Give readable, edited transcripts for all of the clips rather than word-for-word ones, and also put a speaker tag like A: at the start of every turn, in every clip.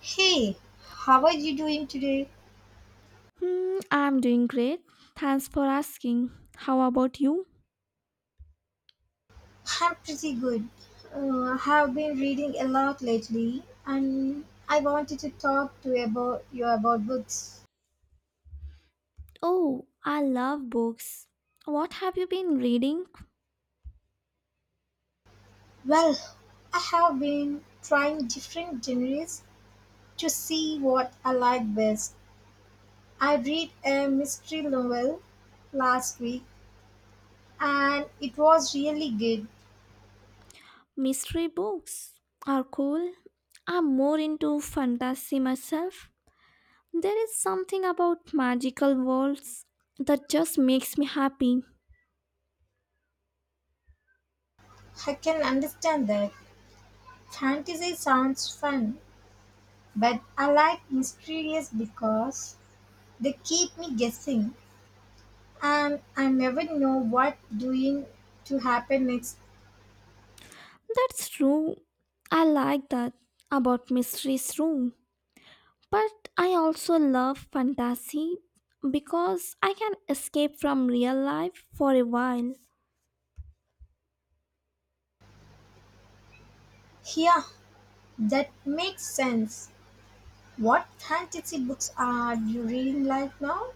A: Hey, how are you doing today?
B: Hmm, I'm doing great. Thanks for asking. How about you?
A: I'm pretty good. Have been reading a lot lately, and I wanted to talk to you about books.
B: Oh, I love books. What have you been reading?
A: Well, I have been trying different genres to see what I like best. I read a mystery novel last week, and it was really good.
B: Mystery books are cool. I'm more into fantasy myself. There is something about magical worlds that just makes me happy.
A: I can understand that fantasy sounds fun, but I like mysteries because they keep me guessing and I never know what doing to happen next.
B: That's true. I like that about mysteries too. But I also love fantasy because I can escape from real life for a while.
A: Yeah, that makes sense. What fantasy books are you reading right now?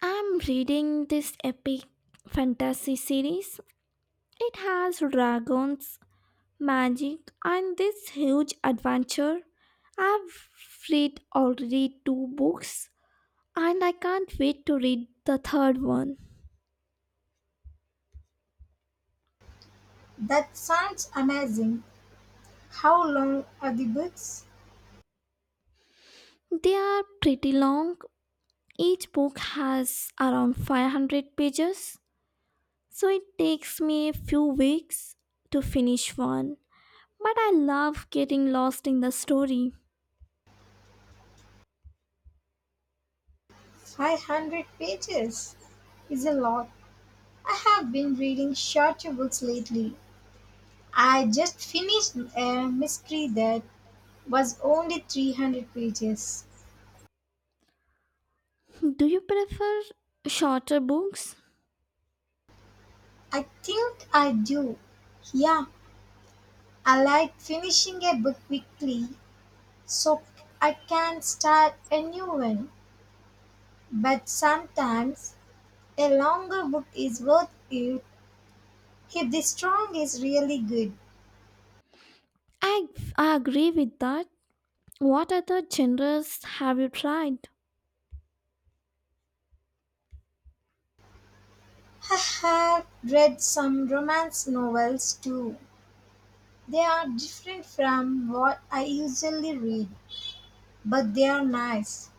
B: I'm reading this epic fantasy series. It has dragons, magic, and this huge adventure. I've read already two books, and I can't wait to read the third one.
A: That sounds amazing. How long are the books?
B: They are pretty long. Each book has around 500 pages, so it takes me a few weeks to finish one. But I love getting lost in the story.
A: 500 pages is a lot. I have been reading shorter books lately. I just finished a mystery that was only 300 pages.
B: Do you prefer shorter books?
A: I think I do. Yeah, I like finishing a book quickly so I can start a new one, but sometimes a longer book is worth it if the strong is really good.
B: I, I agree with that. What other genres have you tried?
A: I have read some romance novels too. They are different from what I usually read, but they are nice.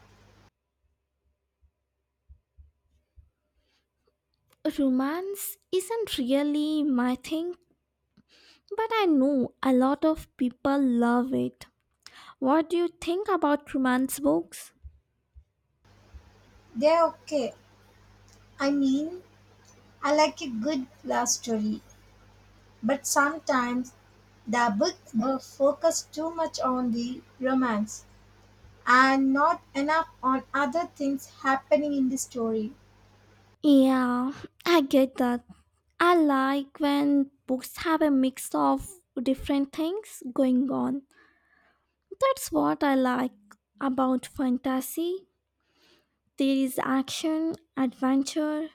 B: Romance isn't really my thing, but I know a lot of people love it. What do you think about romance books?
A: They are okay. I mean, I like a good love story, but sometimes the books focus too much on the romance and not enough on other things happening in the story.
B: Yeah, I get that. I like when books have a mix of different things going on. That's what I like about fantasy. There is action, adventure,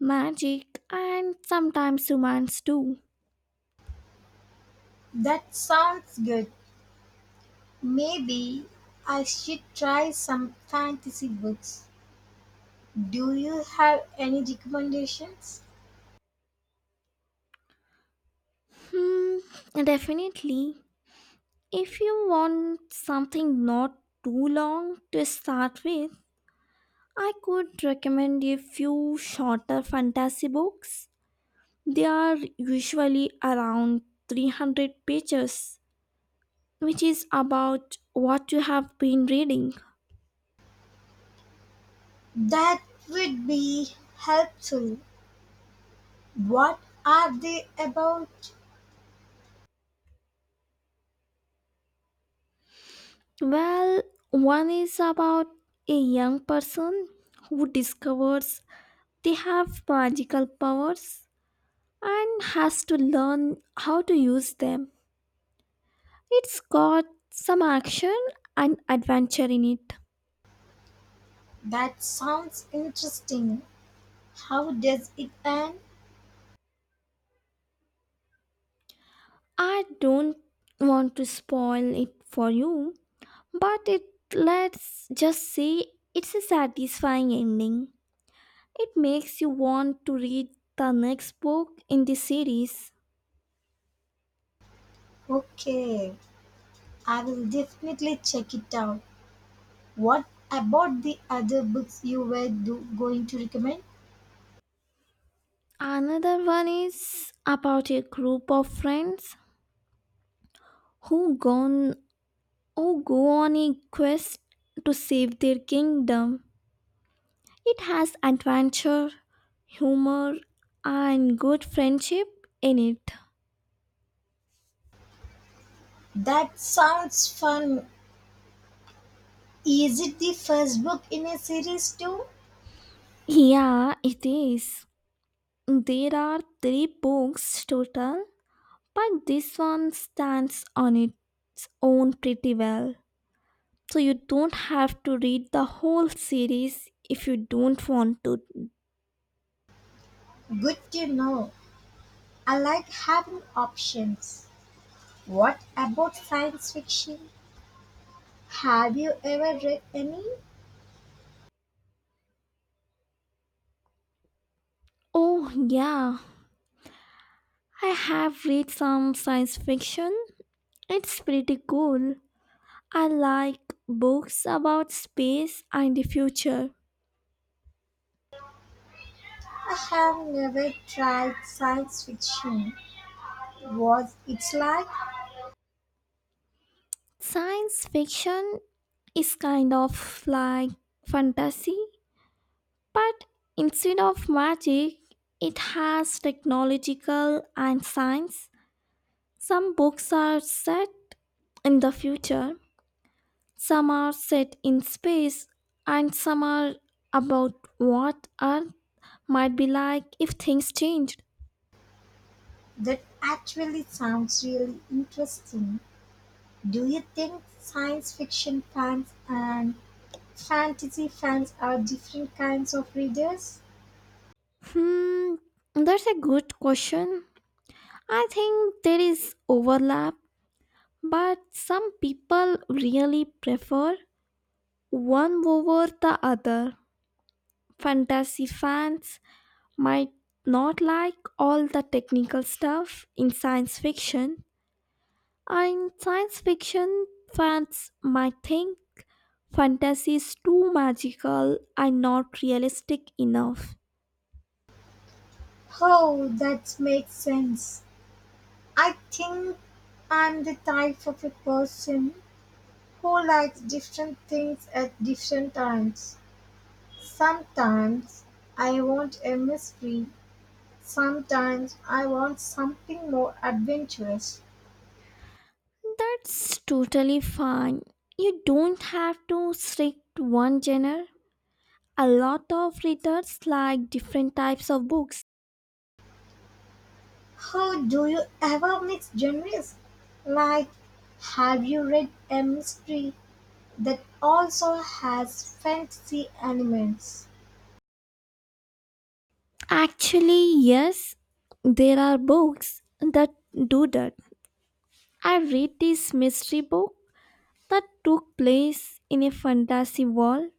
B: magic, and sometimes romance too.
A: That sounds good. Maybe I should try some fantasy books. Do you have any recommendations?
B: Hmm, definitely. If you want something not too long to start with, I could recommend a few shorter fantasy books. They are usually around 300 pages, which is about what you have been reading.
A: That would be helpful. What are they about?
B: Well, one is about a young person who discovers they have magical powers and has to learn how to use them. It's got some action and adventure in it.
A: That sounds interesting. How does it end?
B: I don't want to spoil it for you, but it let's just say it's a satisfying ending. It makes you want to read the next book in the series.
A: Okay, I will definitely check it out. What about the other books you were going to recommend?
B: Another one is about a group of friends who gone who go on a quest to save their kingdom. It has adventure, humor, and good friendship in it.
A: That sounds fun. Is it the first book in a series too?
B: Yeah, it is. There are three books total, but this one stands on its own pretty well. So you don't have to read the whole series if you don't want to.
A: Good to know. I like having options. What about science fiction? Have you ever read any?
B: Oh, yeah. I have read some science fiction. It's pretty cool. I like books about space and the future.
A: I have never tried science fiction. What it's like?
B: Science fiction is kind of like fantasy, but instead of magic, it has technological and science. Some books are set in the future, some are set in space, and some are about what Earth might be like if things changed.
A: That actually sounds really interesting. Do you think science fiction fans and fantasy fans are different kinds of readers?
B: Hmm, that's a good question. I think there is overlap, but some people really prefer one over the other. Fantasy fans might not like all the technical stuff in science fiction, and science fiction fans might think fantasy is too magical and not realistic enough.
A: Oh, that makes sense. I think I'm the type of a person who likes different things at different times. Sometimes I want a mystery, sometimes I want something more adventurous.
B: That's totally fine. You don't have to stick to one genre. A lot of readers like different types of books.
A: How do you ever mix genres? Like, have you read a mystery that also has fantasy elements?
B: Actually, yes, there are books that do that. I read this mystery book that took place in a fantasy world.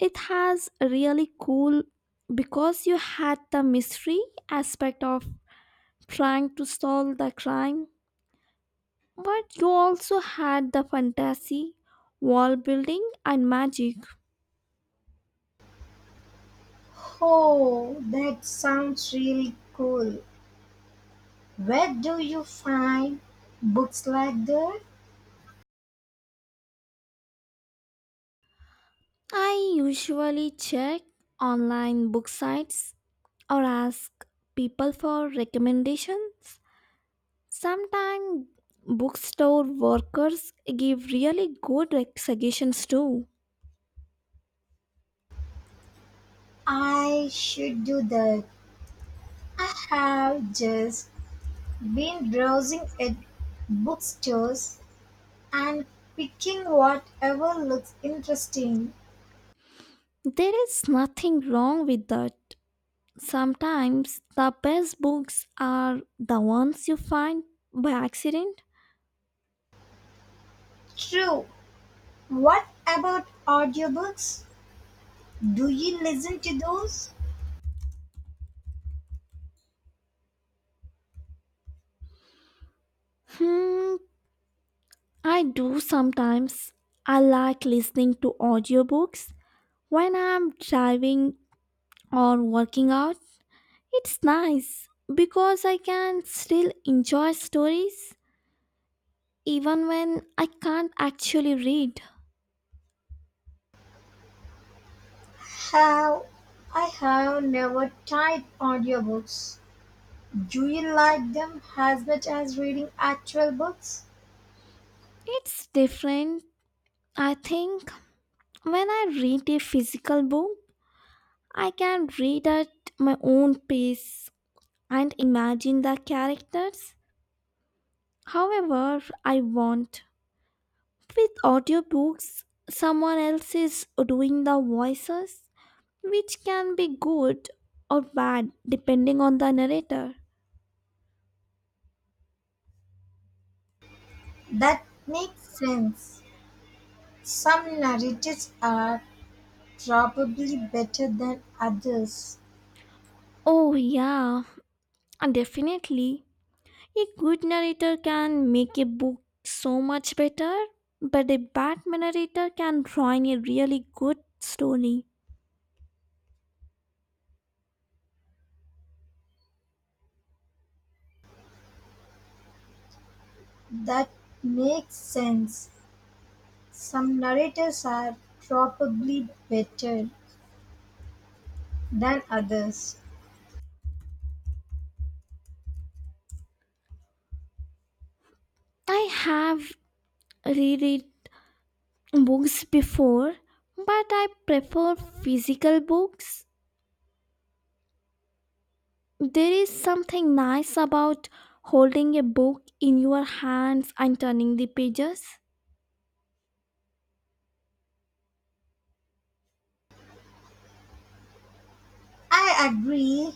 B: It has really cool because you had the mystery aspect of trying to solve the crime. But you also had the fantasy, wall building, and magic.
A: Oh, that sounds really cool. Where do you find books like that?
B: I usually check online book sites or ask people for recommendations. Sometimes bookstore workers give really good suggestions too.
A: I should do that. I have just been browsing at bookstores and picking whatever looks interesting.
B: There is nothing wrong with that. Sometimes the best books are the ones you find by accident.
A: True. What about audiobooks? Do you listen to those?
B: Hmm, I do sometimes. I like listening to audiobooks when I'm driving or working out. It's nice because I can still enjoy stories even when I can't actually read.
A: Have I have never tried audiobooks. Do you like them as much as reading actual books?
B: It's different, I think. When I read a physical book, I can read at my own pace and imagine the characters however I want. With audiobooks, someone else is doing the voices, which can be good or bad depending on the narrator.
A: That makes sense. Some narratives are probably better than others.
B: Oh, yeah, and definitely. A good narrator can make a book so much better, but a bad narrator can ruin a really good story.
A: That makes sense. Some narratives are probably better than others.
B: I have reread books before, but I prefer physical books. There is something nice about holding a book in your hands and turning the pages.
A: I agree.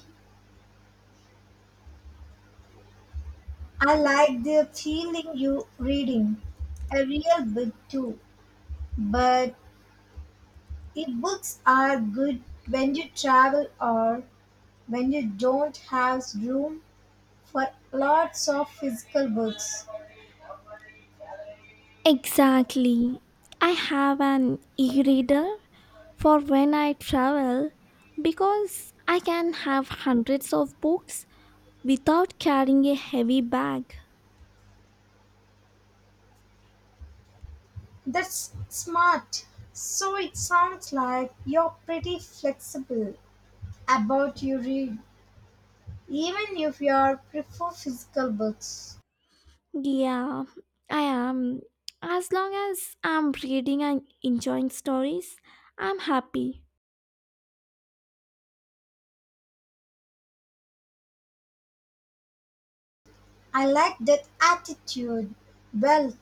A: I like the feeling you reading a real book too. But ebooks are good when you travel or when you don't have room for lots of physical books.
B: Exactly. I have an e reader for when I travel because I can have hundreds of books without carrying a heavy bag.
A: That's smart. So it sounds like you're pretty flexible about your read, even if you prefer physical books.
B: Yeah, I am. As long as I'm reading and enjoying stories, I'm happy.
A: I like that attitude. Well,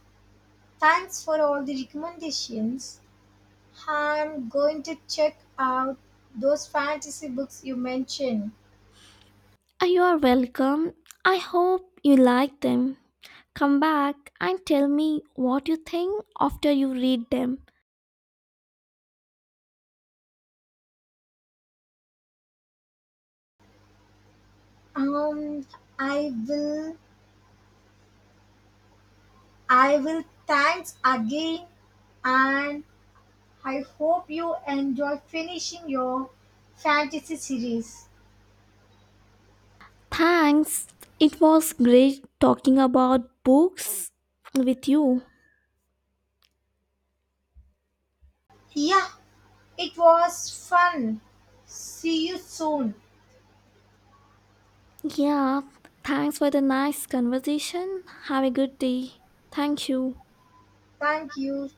A: thanks for all the recommendations. I'm going to check out those fantasy books you mentioned.
B: You are welcome. I hope you like them. Come back and tell me what you think after you read them.
A: Um, I will. I will. Thanks again, and I hope you enjoy finishing your fantasy series.
B: Thanks. It was great talking about books with you.
A: Yeah, it was fun. See you soon.
B: Yeah, thanks for the nice conversation. Have a good day. Thank you.
A: Thank you.